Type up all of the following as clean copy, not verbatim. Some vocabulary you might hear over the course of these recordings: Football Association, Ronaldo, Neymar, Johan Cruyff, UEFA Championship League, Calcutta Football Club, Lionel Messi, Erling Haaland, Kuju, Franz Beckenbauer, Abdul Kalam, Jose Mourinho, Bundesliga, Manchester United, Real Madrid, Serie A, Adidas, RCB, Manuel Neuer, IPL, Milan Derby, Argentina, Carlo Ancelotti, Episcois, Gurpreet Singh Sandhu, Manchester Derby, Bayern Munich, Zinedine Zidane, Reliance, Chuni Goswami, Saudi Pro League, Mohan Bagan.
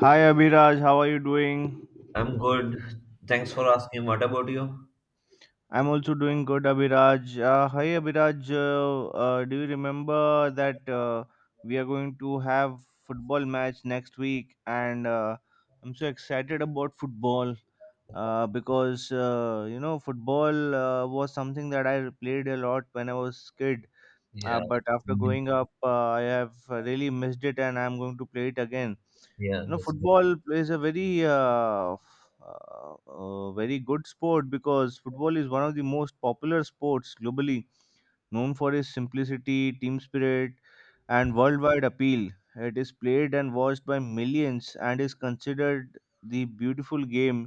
Hi Abhiraj, how are you doing? I'm good. Thanks for asking. What about you? I'm also doing good, Abhiraj. Hi Abhiraj, do you remember that we are going to have football match next week? And I'm so excited about football because football was something that I played a lot when I was kid. Uh, Yeah. but after growing up, I have really missed it, and I'm going to play it again. Yeah, that's. Football plays a very good sport because football is one of the most popular sports globally, known for its simplicity, team spirit, and worldwide appeal. It is played and watched by millions and is considered the beautiful game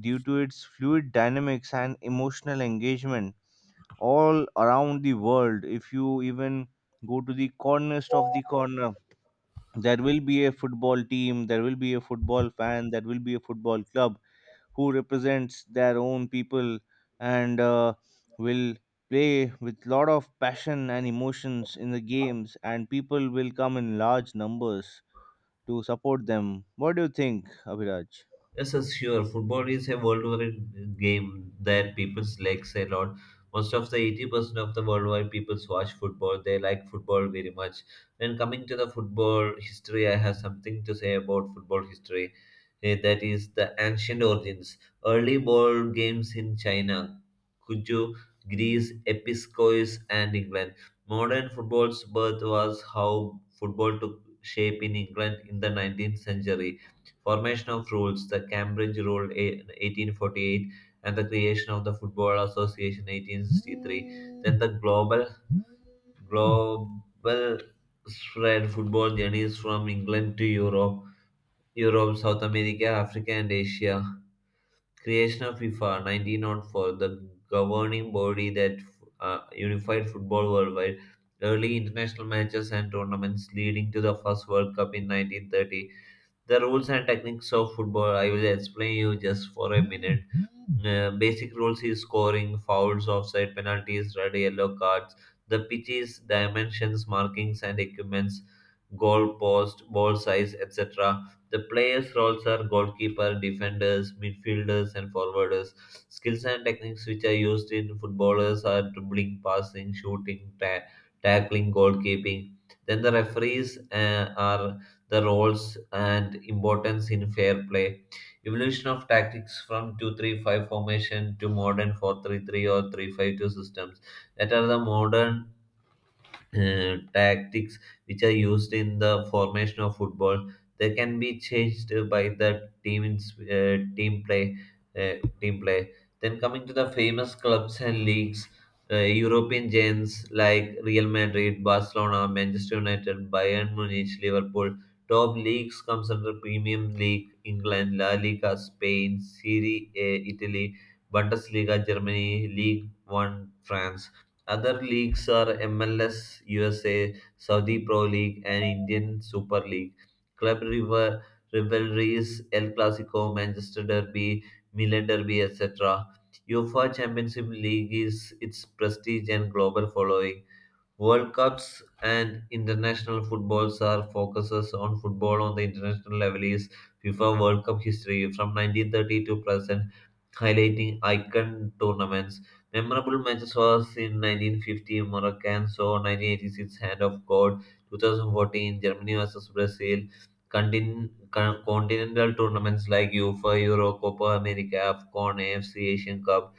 due to its fluid dynamics and emotional engagement. All around the world, if you even go to the corners of the corner, there will be a football team, there will be a football fan, there will be a football club who represents their own people and will play with lot of passion and emotions in the games, and people will come in large numbers to support them. What do you think, Abhiraj? Yes, yes, sure. Football is a worldwide game that people like a lot. Most of the 80% of the worldwide people watch football. They like football very much. When coming to the football history, I have something to say about football history. That is the ancient origins. Early ball games in China, Kuju, Greece, Episcois, and England. Modern football's birth was how football took shape in England in the 19th century, formation of rules, the Cambridge Rule, 1848, and the creation of the Football Association, 1863. Then the global spread, football journeys from England to Europe, South America, Africa, and Asia. Creation of FIFA, 1904, the governing body that unified football worldwide. Early international matches and tournaments leading to the first World Cup in 1930. The rules and techniques of football, I will explain you just for a minute. Basic rules is scoring, fouls, offside, penalties, red, yellow cards. The pitches, dimensions, markings, and equipments, goal post, ball size, etc. The players' roles are goalkeeper, defenders, midfielders, and forwarders. Skills and techniques which are used in footballers are dribbling, passing, shooting, tackling, goalkeeping. Then the referees are the roles and importance in fair play. Evolution of tactics from 2-3-5 formation to modern 4-3-3 or 3-5-2 systems. That are the modern tactics which are used in the formation of football. They can be changed by the uh, team play. Then coming to the famous clubs and leagues, European giants like Real Madrid, Barcelona, Manchester United, Bayern Munich, Liverpool. Top leagues comes under Premium League England, La Liga Spain, Serie A Italy, Bundesliga Germany, League 1 France. Other leagues are MLS USA, Saudi Pro League, and Indian Super League. Club rivalries, El Clasico, Manchester Derby, Milan Derby, etc. UEFA Championship League is its prestige and global following. World Cups and international footballs are focuses on football on the international level is FIFA World Cup history from 1930 to present, highlighting icon tournaments. Memorable matches was in 1950 Moroccan, so 1986 Hand of God, 2014 Germany versus Brazil. Continental tournaments like UEFA, Euro, Copa America, AFCON, AFC Asian Cup,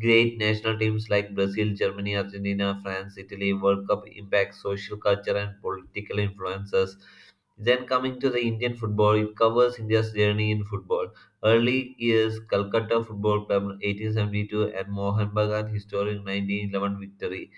great national teams like Brazil, Germany, Argentina, France, Italy, World Cup impact, social culture, and political influences. Then coming to the Indian football, it covers India's journey in football. Early years, Calcutta Football Club 1872 and Mohan Bagan historic 1911 victory,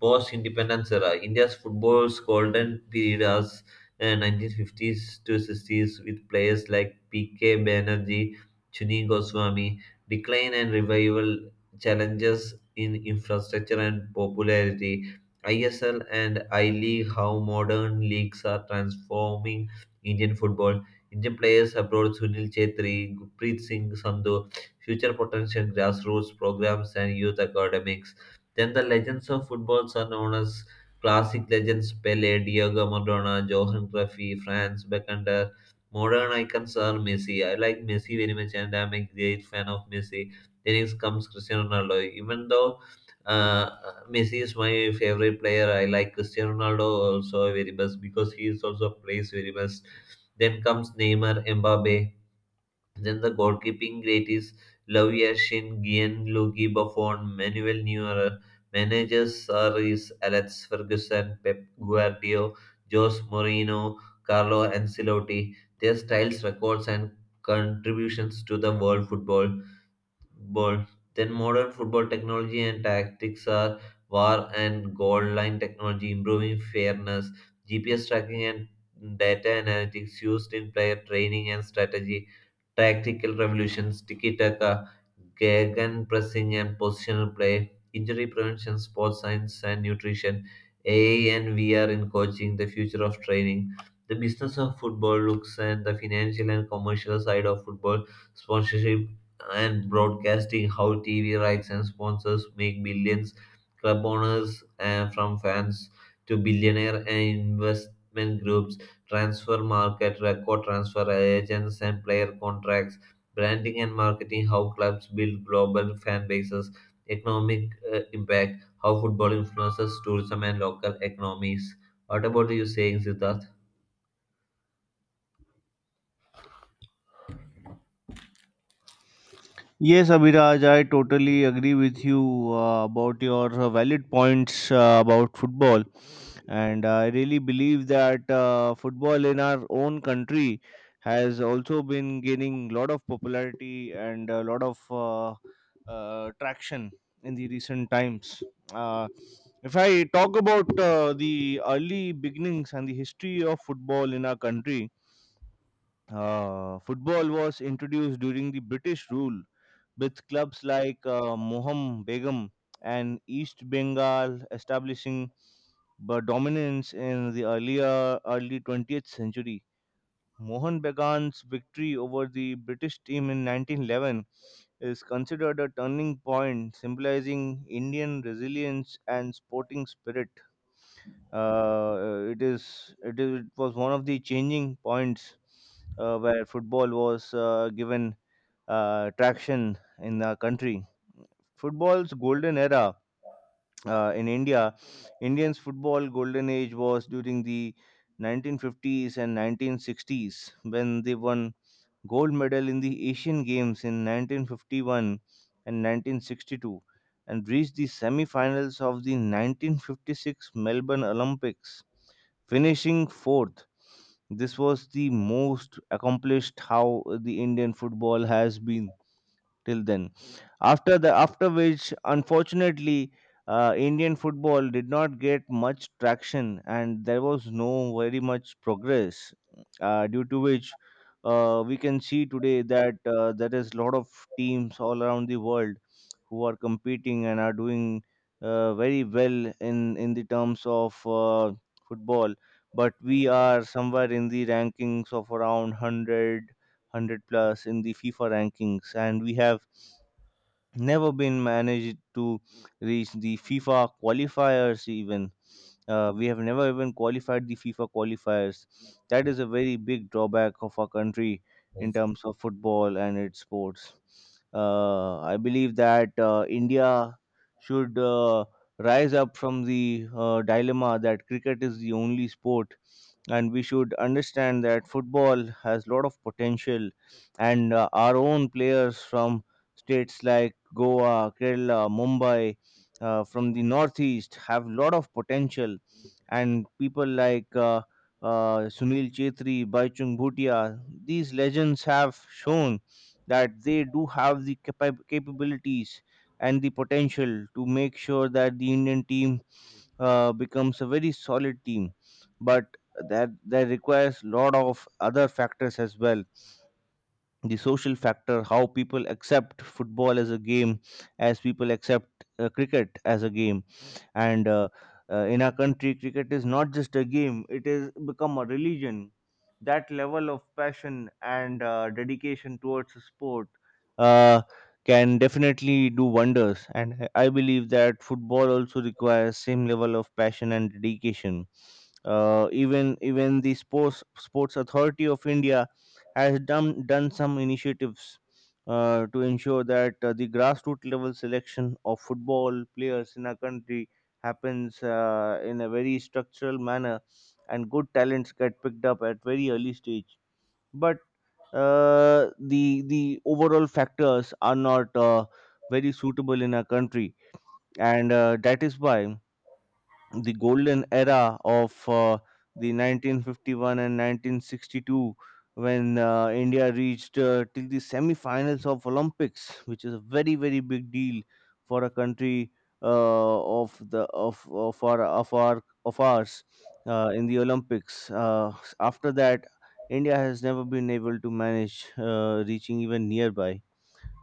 post-independence era. India's football's golden period was 1950s to 60s with players like PK Banerjee, Chuni Goswami. Decline and revival, challenges in infrastructure and popularity. ISL and I League, how modern leagues are transforming Indian football. Indian players abroad Sunil Chetri, Gurpreet Singh Sandhu, future potential grassroots programs and youth academics. Then the legends of footballs are known as classic legends Pele, Diego Maradona, Johan Cruyff, Franz Beckenbauer. Modern icons are Messi. I like Messi very much and I'm a great fan of Messi. Then it comes Cristiano Ronaldo. Even though uh, Messi is my favorite player, I like Cristiano Ronaldo also very much because he is also plays very much. Then comes Neymar, Mbappe, then the goalkeeping great is Shin, Gianluigi Buffon, Manuel Neuer. Managers are is Alex Ferguson, Pep Guardiola, Jose Mourinho, Carlo Ancelotti. Their styles, records, and contributions to the world football. Ball. Then modern football technology and tactics are VAR and goal line technology, improving fairness, GPS tracking and data analytics used in player training and strategy, tactical revolutions, tiki taka, gagan pressing and positional play, injury prevention, sports science and nutrition, AI and VR in coaching, the future of training, the business of football looks and the financial and commercial side of football, sponsorship and broadcasting, how TV rights and sponsors make billions, club owners and from fans to billionaire and investment groups, transfer market, record transfer agents and player contracts, branding and marketing, how clubs build global fan bases, economic impact, how football influences tourism and local economies. What about you saying, Siddharth? Yes, Abhiraj, I totally agree with you about your valid points about football. And I really believe that football in our own country has also been gaining a lot of popularity and a lot of traction in the recent times. Uh, if I talk about the early beginnings and the history of football in our country, football was introduced during the British rule with clubs like Moham Begum and East Bengal establishing dominance in the earlier early 20th century. Mohan Bagan's victory over the British team in 1911 is considered a turning point, symbolizing Indian resilience and sporting spirit. It was one of the changing points where football was given traction in the country. Football's golden era in India, Indians football golden age was during the 1950s and 1960s, when they won gold medal in the Asian Games in 1951 and 1962, and reached the semi-finals of the 1956 Melbourne Olympics, finishing fourth. This was the most accomplished how the Indian football has been till then. After which, unfortunately, Indian football did not get much traction, and there was no very much progress. Due to which, we can see today that there is a lot of teams all around the world who are competing and are doing very well in the terms of football. But we are somewhere in the rankings of around 100, plus in the FIFA rankings, and we have never been managed to reach the FIFA qualifiers even. We have never even qualified the FIFA qualifiers. That is a very big drawback of our country in Yes. terms of football and its sports. I believe that India should rise up from the dilemma that cricket is the only sport, and we should understand that football has a lot of potential, and our own players from states like Goa, Kerala, Mumbai, from the northeast have a lot of potential, and people like Sunil Chetri, Baichung Bhutia, these legends have shown that they do have the capabilities and the potential to make sure that the Indian team becomes a very solid team. But that requires a lot of other factors as well. The social factor, how people accept football as a game, as people accept cricket as a game. And in our country, cricket is not just a game, it is become a religion. That level of passion and dedication towards a sport uh, can definitely do wonders, and I believe that football also requires same level of passion and dedication. Even the Sports Authority of India has done some initiatives to ensure that the grassroots level selection of football players in our country happens in a very structural manner, and good talents get picked up at very early stage. But uh, the the overall factors are not very suitable in our country, and that is why the golden era of the 1951 and 1962, when India reached till the semi-finals of Olympics, which is a very very big deal for a country of the of our of our of ours in the Olympics, after that India has never been able to manage reaching even nearby.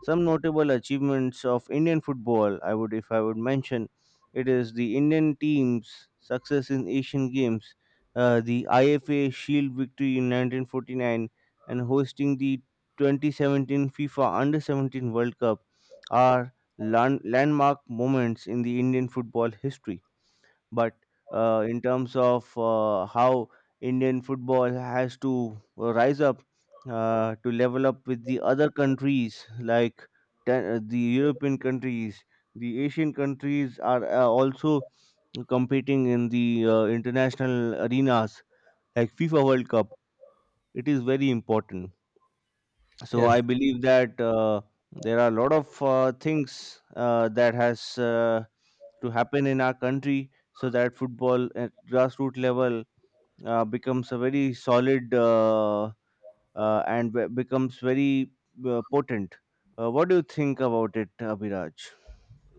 Some notable achievements of Indian football, I would, if I would mention, it is the Indian team's success in Asian Games, the IFA Shield victory in 1949, and hosting the 2017 FIFA Under 17 World Cup are landmark moments in the Indian football history. But in terms of how Indian football has to rise up to level up with the other countries like the European countries, the Asian countries are also competing in the international arenas like FIFA World Cup. It is very important, so Yes, I believe that there are a lot of things that has to happen in our country so that football at grassroots level becomes a very solid and becomes very potent. What do you think about it, Abhiraj?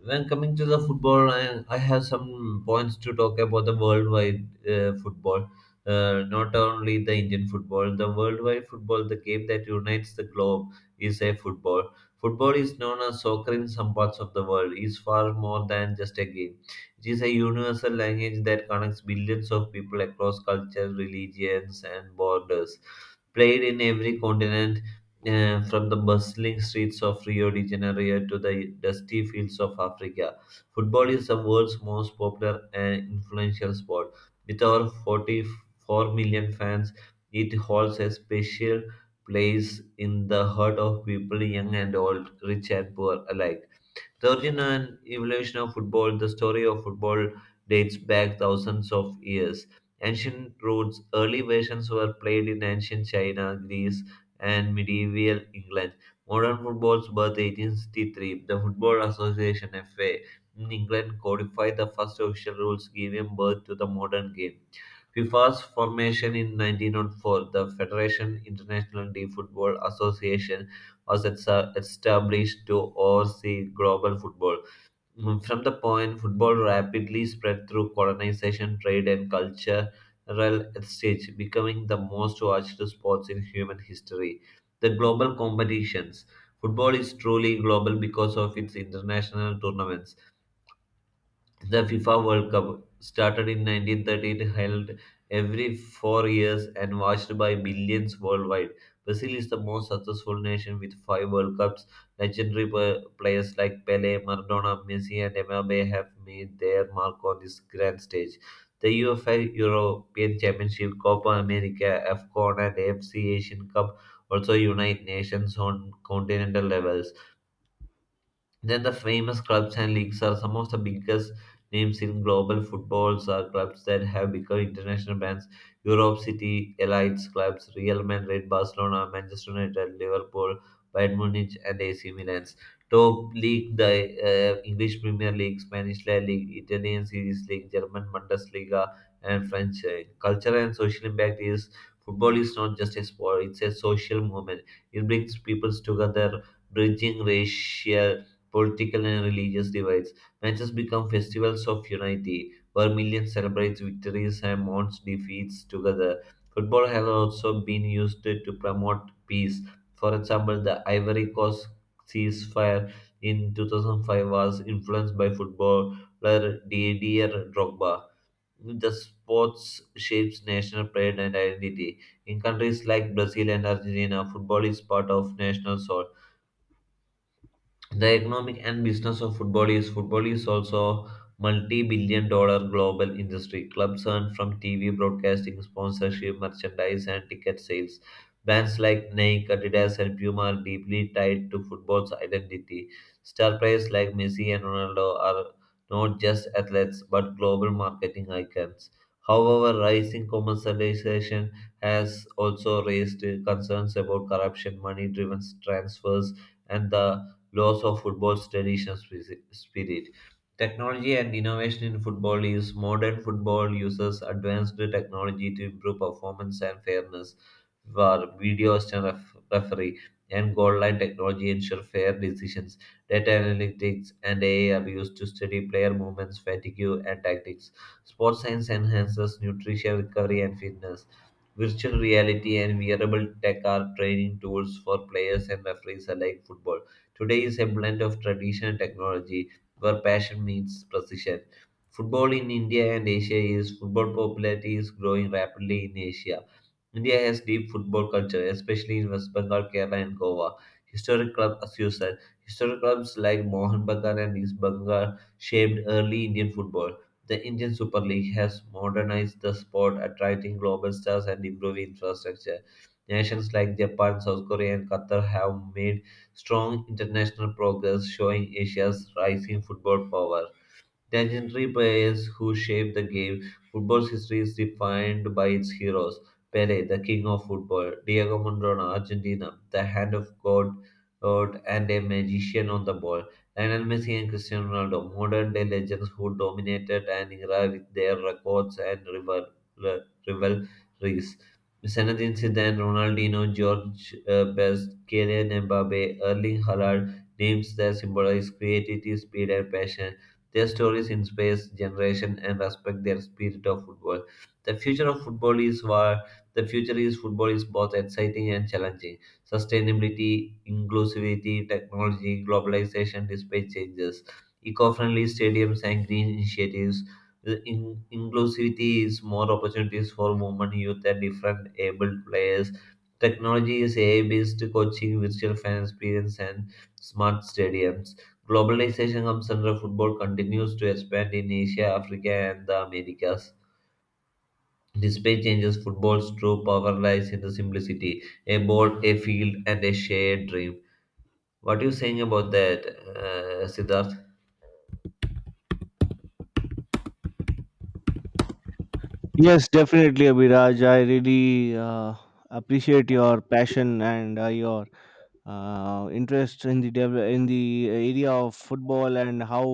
when coming to the football, I have some points to talk about the worldwide football. Not only the Indian football, the worldwide football, the game that unites the globe is a football. Football is known as soccer in some parts of the world, is far more than just a game. It is a universal language that connects billions of people across cultures, religions, and borders. Played in every continent, from the bustling streets of Rio de Janeiro to the dusty fields of Africa, football is the world's most popular and influential sport. With over 44 million fans, it holds a special place in the heart of people young and old, rich and poor alike. The origin and evolution of football, the story of football dates back thousands of years. Ancient roots, early versions were played in ancient China, Greece, and medieval England. Modern football's birth 1863, the Football Association FA in England codified the first official rules giving birth to the modern game. FIFA's formation in 1904, the Federation International de Football Association was established to oversee global football. From the point, football rapidly spread through colonization, trade, and cultural exchange, becoming the most watched sports in human history. The global competitions. Football is truly global because of its international tournaments, the FIFA World Cup, started in 1913, held every 4 years and watched by millions worldwide. Brazil is the most successful nation with five World Cups. Legendary players like Pele, Maradona, Messi, and Mbappe have made their mark on this grand stage. The UEFA European Championship, Copa America, AFCON, and AFC Asian Cup also unite nations on continental levels. Then the famous clubs and leagues are some of the biggest names in global footballs are clubs that have become international brands. Europe City Elites clubs, Real Madrid, Barcelona, Manchester United, Liverpool, Bayern Munich, and AC Milan's. Top league, the English Premier League, Spanish La Liga, Italian Series League, German Bundesliga, and French. Culture and social impact is football is not just a sport; it's a social movement. It brings people together, bridging racial, political, and religious divides. Matches become festivals of unity, where millions celebrate victories and mourn defeats together. Football has also been used to promote peace. For example, the Ivory Coast ceasefire in 2005 was influenced by footballer Didier Drogba. The sports shapes national pride and identity. In countries like Brazil and Argentina, football is part of national soul, the economic and business of football is also multi-billion dollar global industry, clubs earn from TV broadcasting, sponsorship, merchandise, and ticket sales. Brands like Nike, Adidas, and Puma are deeply tied to football's identity. Star players like Messi and Ronaldo are not just athletes but global marketing icons. However, rising commercialization has also raised concerns about corruption, money driven transfers, and the loss of football's traditional spirit. Technology and innovation in football is modern football uses advanced technology to improve performance and fairness. For video assistant referee and goal line technology ensure fair decisions. Data analytics and AI are used to study player movements, fatigue, and tactics. Sports science enhances nutrition, recovery, and fitness. Virtual reality and wearable tech are training tools for players and referees alike. Football today is a blend of tradition and technology where passion meets precision. Football in India and Asia is football popularity is growing rapidly in Asia. India has deep football culture, especially in West Bengal, Kerala, and Goa. Historic club, as you said, historic clubs like Mohan Bagan and East Bengal shaped early Indian football. The Indian Super League has modernized the sport, attracting global stars and improving infrastructure. Nations like Japan, South Korea, and Qatar have made strong international progress, showing Asia's rising football power. Legendary players who shaped the game. Football's history is defined by its heroes. Pele, the king of football. Diego Maradona, Argentina, the hand of God, God and a magician on the ball. Lionel Messi and Cristiano Ronaldo, modern day legends who dominated an era with their records and rivalries. Zinedine Zidane, Ronaldinho, George Best, Kylian Mbappe, Erling Haaland, names that symbolize creativity, speed, and passion, their stories in space, generation and respect their spirit of football. The future of football is where the future is football is both exciting and challenging. Sustainability, inclusivity, technology, globalization despite changes, eco-friendly stadiums and green initiatives. The inclusivity is more opportunities for women, youth, and different able players. Technology is AI-based coaching, virtual fan experience, and smart stadiums. Globalization of under football continues to expand in Asia, Africa, and the Americas. Despite changes, football's true power lies in the simplicity a ball, a field, and a shared dream. What are you saying about that, Siddharth? Yes, definitely, Abhiraj. I really uh, appreciate your passion and your interest in the in the area of football and how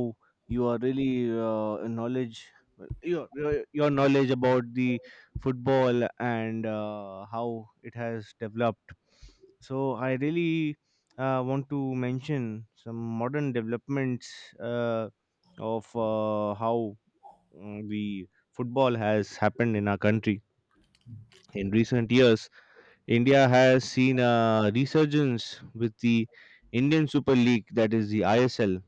you are really knowledge your knowledge about the football and how it has developed. So I really want to mention some modern developments uh, of how the football has happened in our country. In recent years, India has seen a resurgence with the Indian Super League, that is the ISL,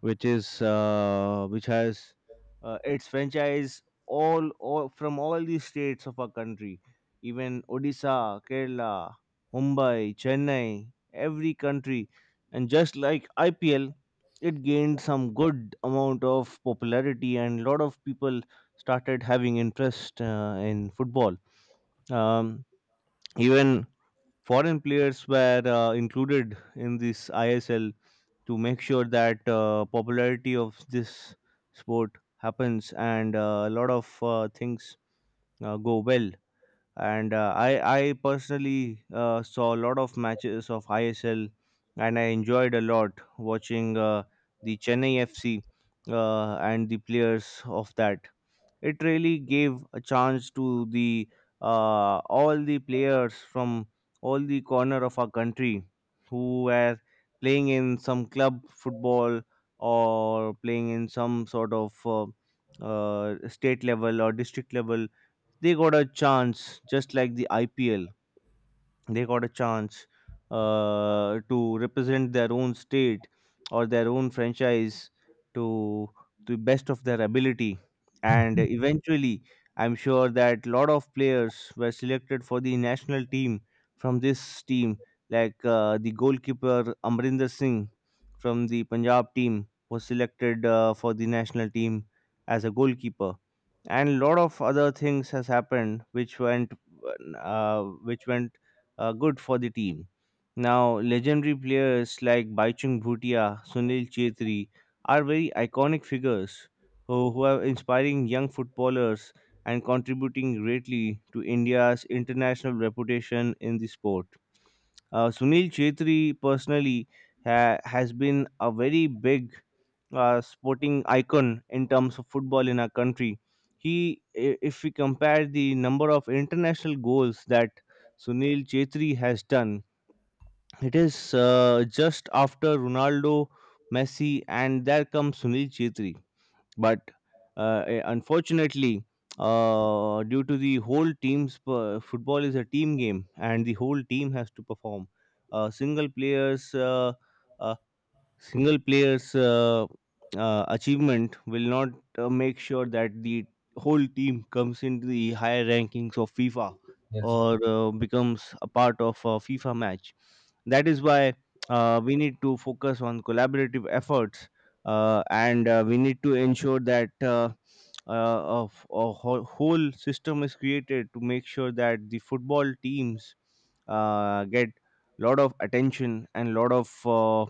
which has its franchise all from all the states of our country, even Odisha, Kerala, Mumbai, Chennai, every country, and just like IPL, it gained some good amount of popularity and lot of people started having interest in football. Um, even foreign players were included in this ISL to make sure that popularity of this sport happens and a lot of things go well. And I personally saw a lot of matches of ISL and I enjoyed a lot watching the Chennai FC and the players of that. It really gave a chance to the all the players from all the corner of our country who were playing in some club football or playing in some sort of state level or district level. They got a chance just like the IPL. They got a chance to represent their own state or their own franchise to the best of their ability, and eventually I'm sure that lot of players were selected for the national team from this team, like the goalkeeper Amrinder Singh from the Punjab team was selected for the national team as a goalkeeper. And lot of other things has happened uh, which went good for the team. Now, legendary players like Baichung Bhutia, Sunil Chetri are very iconic figures who are inspiring young footballers and contributing greatly to India's international reputation in the sport. Sunil Chetri personally has been a very big sporting icon in terms of football in our country. If we compare the number of international goals that Sunil Chetri has done, it is just after Ronaldo, Messi, and there comes Sunil Chetri. But unfortunately, due to the whole team's per- football is a team game, and the whole team has to perform. Single players. Uh, Single player's achievement will not make sure that the whole team comes into the higher rankings of FIFA Yes, sir. or becomes a part of a FIFA match. That is why we need to focus on collaborative efforts and we need to ensure that a whole system is created to make sure that the football teams get lot of attention and lot of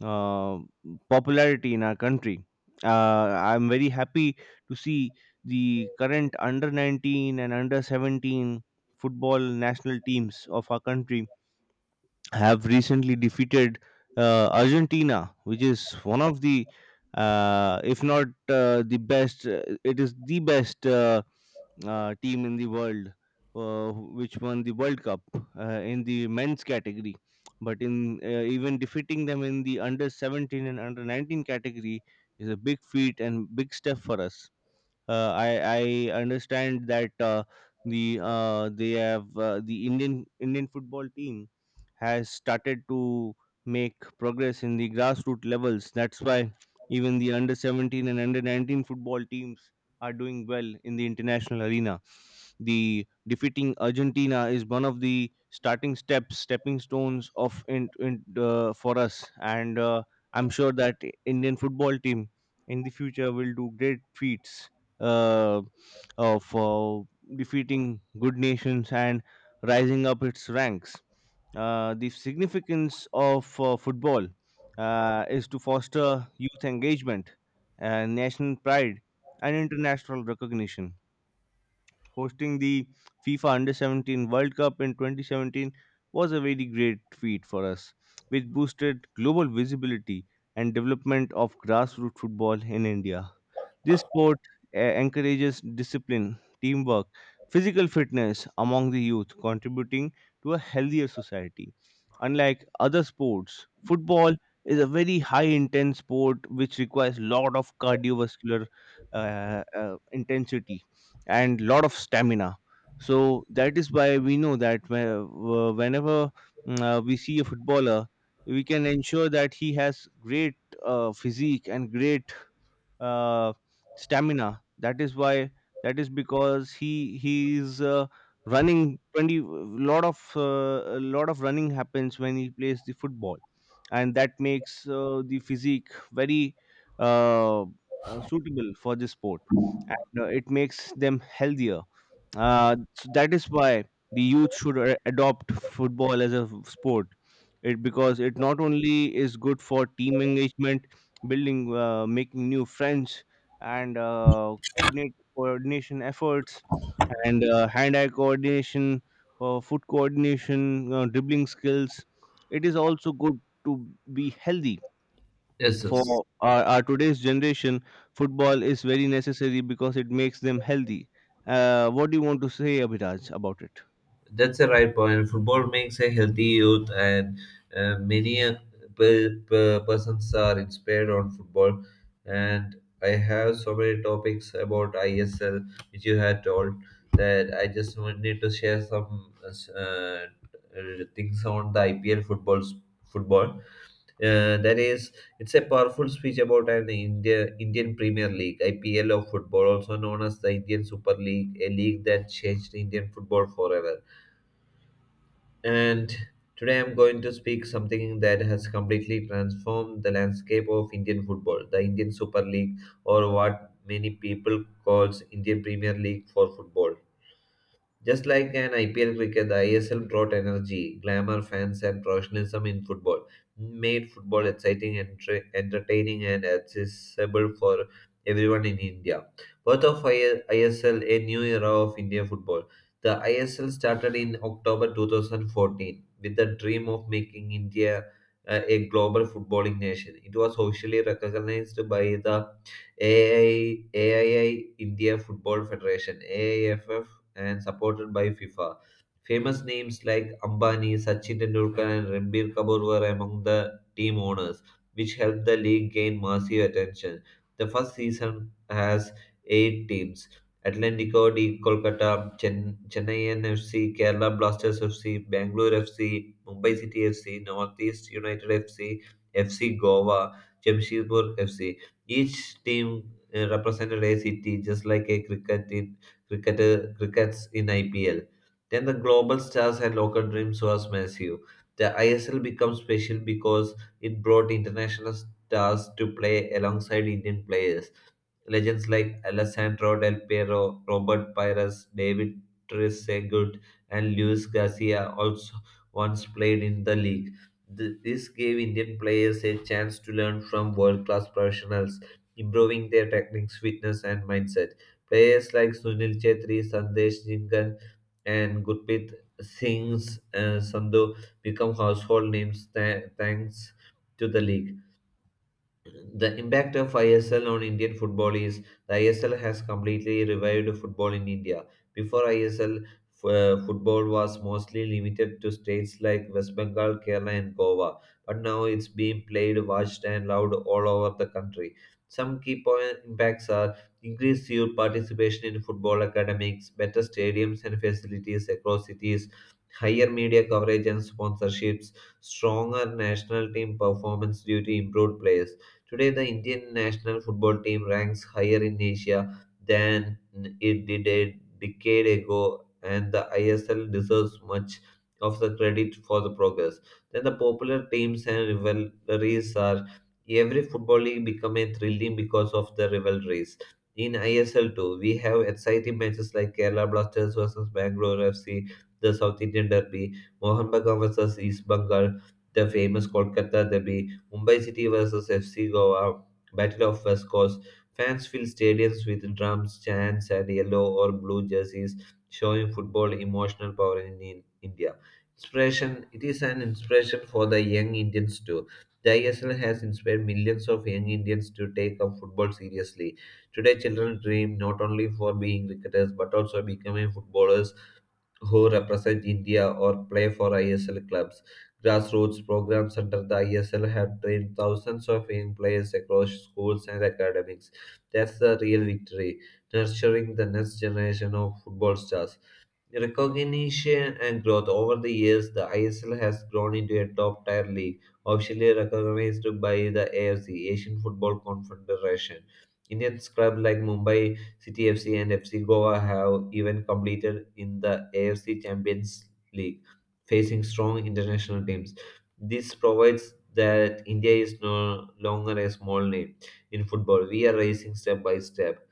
uh, popularity in our country. I'm very happy to see the current under 19 and under 17 football national teams of our country have recently defeated Argentina, which is one of the, if not the best, it is the best team in the world, which won the World Cup in the men's category. But in even defeating them in the under 17 and under 19 category is a big feat and big step for us. I understand that the they have the Indian football team has started to make progress in the grassroots levels. That's why even the under 17 and under 19 football teams are doing well in the international arena. The defeating Argentina is one of the starting steps, stepping stones of for us, and I'm sure that Indian football team in the future will do great feats uh, of defeating good nations and rising up its ranks. The significance of football is to foster youth engagement, national pride, and international recognition. Hosting the FIFA Under 17 World Cup in 2017 was a very great feat for us, which boosted global visibility and development of grassroots football in India. This sport encourages discipline, teamwork, physical fitness among the youth, contributing to a healthier society. Unlike other sports, football is a very high intense sport which requires lot of cardiovascular intensity and lot of stamina. So that is why we know that whenever we see a footballer, we can ensure that he has great physique and great uh, stamina. That is why. That is because he is running 20 lot of a lot of running happens when he plays the football, and that makes the physique very uh, suitable for the sport, and it makes them healthier. So that is why the youth should adopt football as a sport. It because it not only is good for team engagement, building, making new friends, and coordinate coordination efforts, and hand-eye coordination, for foot coordination, dribbling skills. It is also good to be healthy Yes, for yes. our today's generation. Football is very necessary because it makes them healthy. What do you want to say, Abhiraj, about it? That's the right point. Football makes a healthy youth, and many persons are inspired on football. And I have so many topics about ISL, which you had told, that I need to share some things on the IPL football. Uh, that is, it's a powerful speech about Indian Premier League, IPL of football, also known as the Indian Super League, a league that changed Indian football forever. And today I'm going to speak something that has completely transformed the landscape of Indian football, the Indian Super League, or what many people calls Indian Premier League for football. Just like an IPL cricket, the ISL brought energy, glamour, fans, and professionalism in football, made football exciting, entertaining, and accessible for everyone in India. Birth of ISL, a new era of India football. The ISL started in October 2014 with the dream of making India a global footballing nation. It was officially recognized by the AII, India Football Federation, AIFF, and supported by FIFA. Famous names like Ambani, Sachin Tendulkar, and Ranbir Kapoor were among the team owners, which helped the league gain massive attention. The first season has eight teams: Atlantico D Kolkata, Chennai NFC, Kerala Blasters FC, Bangalore FC, Mumbai City FC, Northeast United F C, F C Goa, Jamshedpur FC. Each team represented a city, just like a crickets in IPL. Then the global stars and local dreams was massive. The ISL became special because it brought international stars to play alongside Indian players. Legends like Alessandro Del Piero, Robert Pires, David Trezeguet, and Luis Garcia also once played in the league. This gave Indian players a chance to learn from world class professionals, improving their techniques, fitness, and mindset. Players like Sunil Chetri, Sandesh Jingan, and Gurpreet Singh's Sandhu become household names thanks to the league. The impact of ISL on Indian football is the ISL has completely revived football in India. Before ISL, football was mostly limited to states like West Bengal, Kerala, and Goa, but now it's being played, watched, and loved all over the country. Some key point impacts are increased youth participation in football academics, better stadiums and facilities across cities, higher media coverage and sponsorships, stronger national team performance due to improved players. Today, the Indian national football team ranks higher in Asia than it did a decade ago, and the ISL deserves much of the credit for the progress. Then, the popular teams and rivalries are every football league become a thrilling because of the rivalries. In ISL too, we have exciting matches like Kerala Blasters versus Bangalore FC, the South Indian Derby; Mohun Bagan versus East Bengal, the famous Kolkata Derby; Mumbai City vs FC Goa, Battle of West Coast. Fans fill stadiums with drums, chants, and yellow or blue jerseys, showing football emotional power in India. Inspiration. It is an inspiration for the young Indians too. The ISL has inspired millions of young Indians to take up football seriously. Today, children dream not only for being cricketers but also becoming footballers who represent India or play for ISL clubs. Grassroots programs under the ISL have trained thousands of young players across schools and academics. That's the real victory, nurturing the next generation of football stars. Recognition and growth: over the years, the ISL has grown into a top tier league, officially recognized by the AFC, Asian Football Confederation. Indian clubs like Mumbai City FC and FC Goa have even competed in the AFC Champions League, facing strong international teams. This provides that India is no longer a small name in football. We are rising step by step.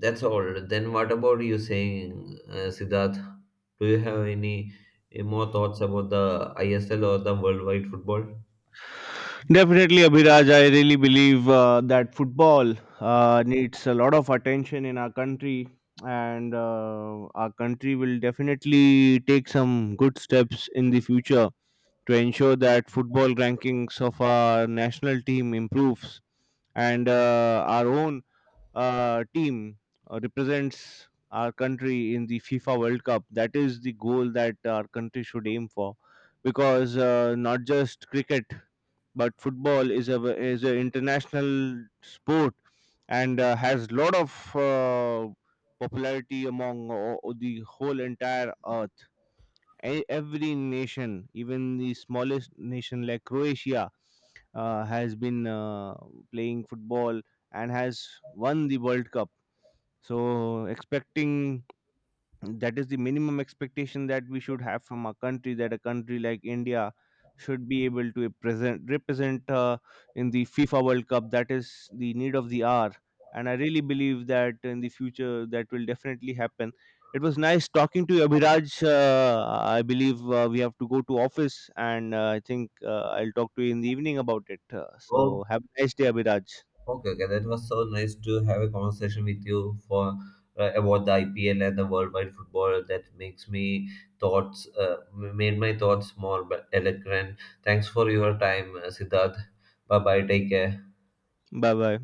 That's all. Then what about you saying, Siddharth? Do you have any more thoughts about the ISL or the worldwide football? Definitely, Abhiraj. I really believe that football needs a lot of attention in our country, and our country will definitely take some good steps in the future to ensure that football rankings of our national team improves, and our own team represents our country in the FIFA World Cup. That is the goal that our country should aim for, because not just cricket, but football is an international sport, and has lot of popularity among the whole entire earth. Every nation, even the smallest nation like Croatia, has been playing football and has won the World Cup. So expecting that is the minimum expectation that we should have from a country, that a country like India should be able to present represent in the FIFA World Cup. That is the need of the hour, and I really believe that in the future that will definitely happen. It was nice talking to you, Abhiraj. Uh, i believe we have to go to office, and I think I'll talk to you in the evening about it. uh, Oh, so have a nice day, Abhiraj. okay, okay. That was so nice to have a conversation with you for about the IPL and the worldwide football. That makes me thoughts m- made my thoughts more eloquent. Thanks for your time, Siddharth. Bye bye. Take care. Bye bye.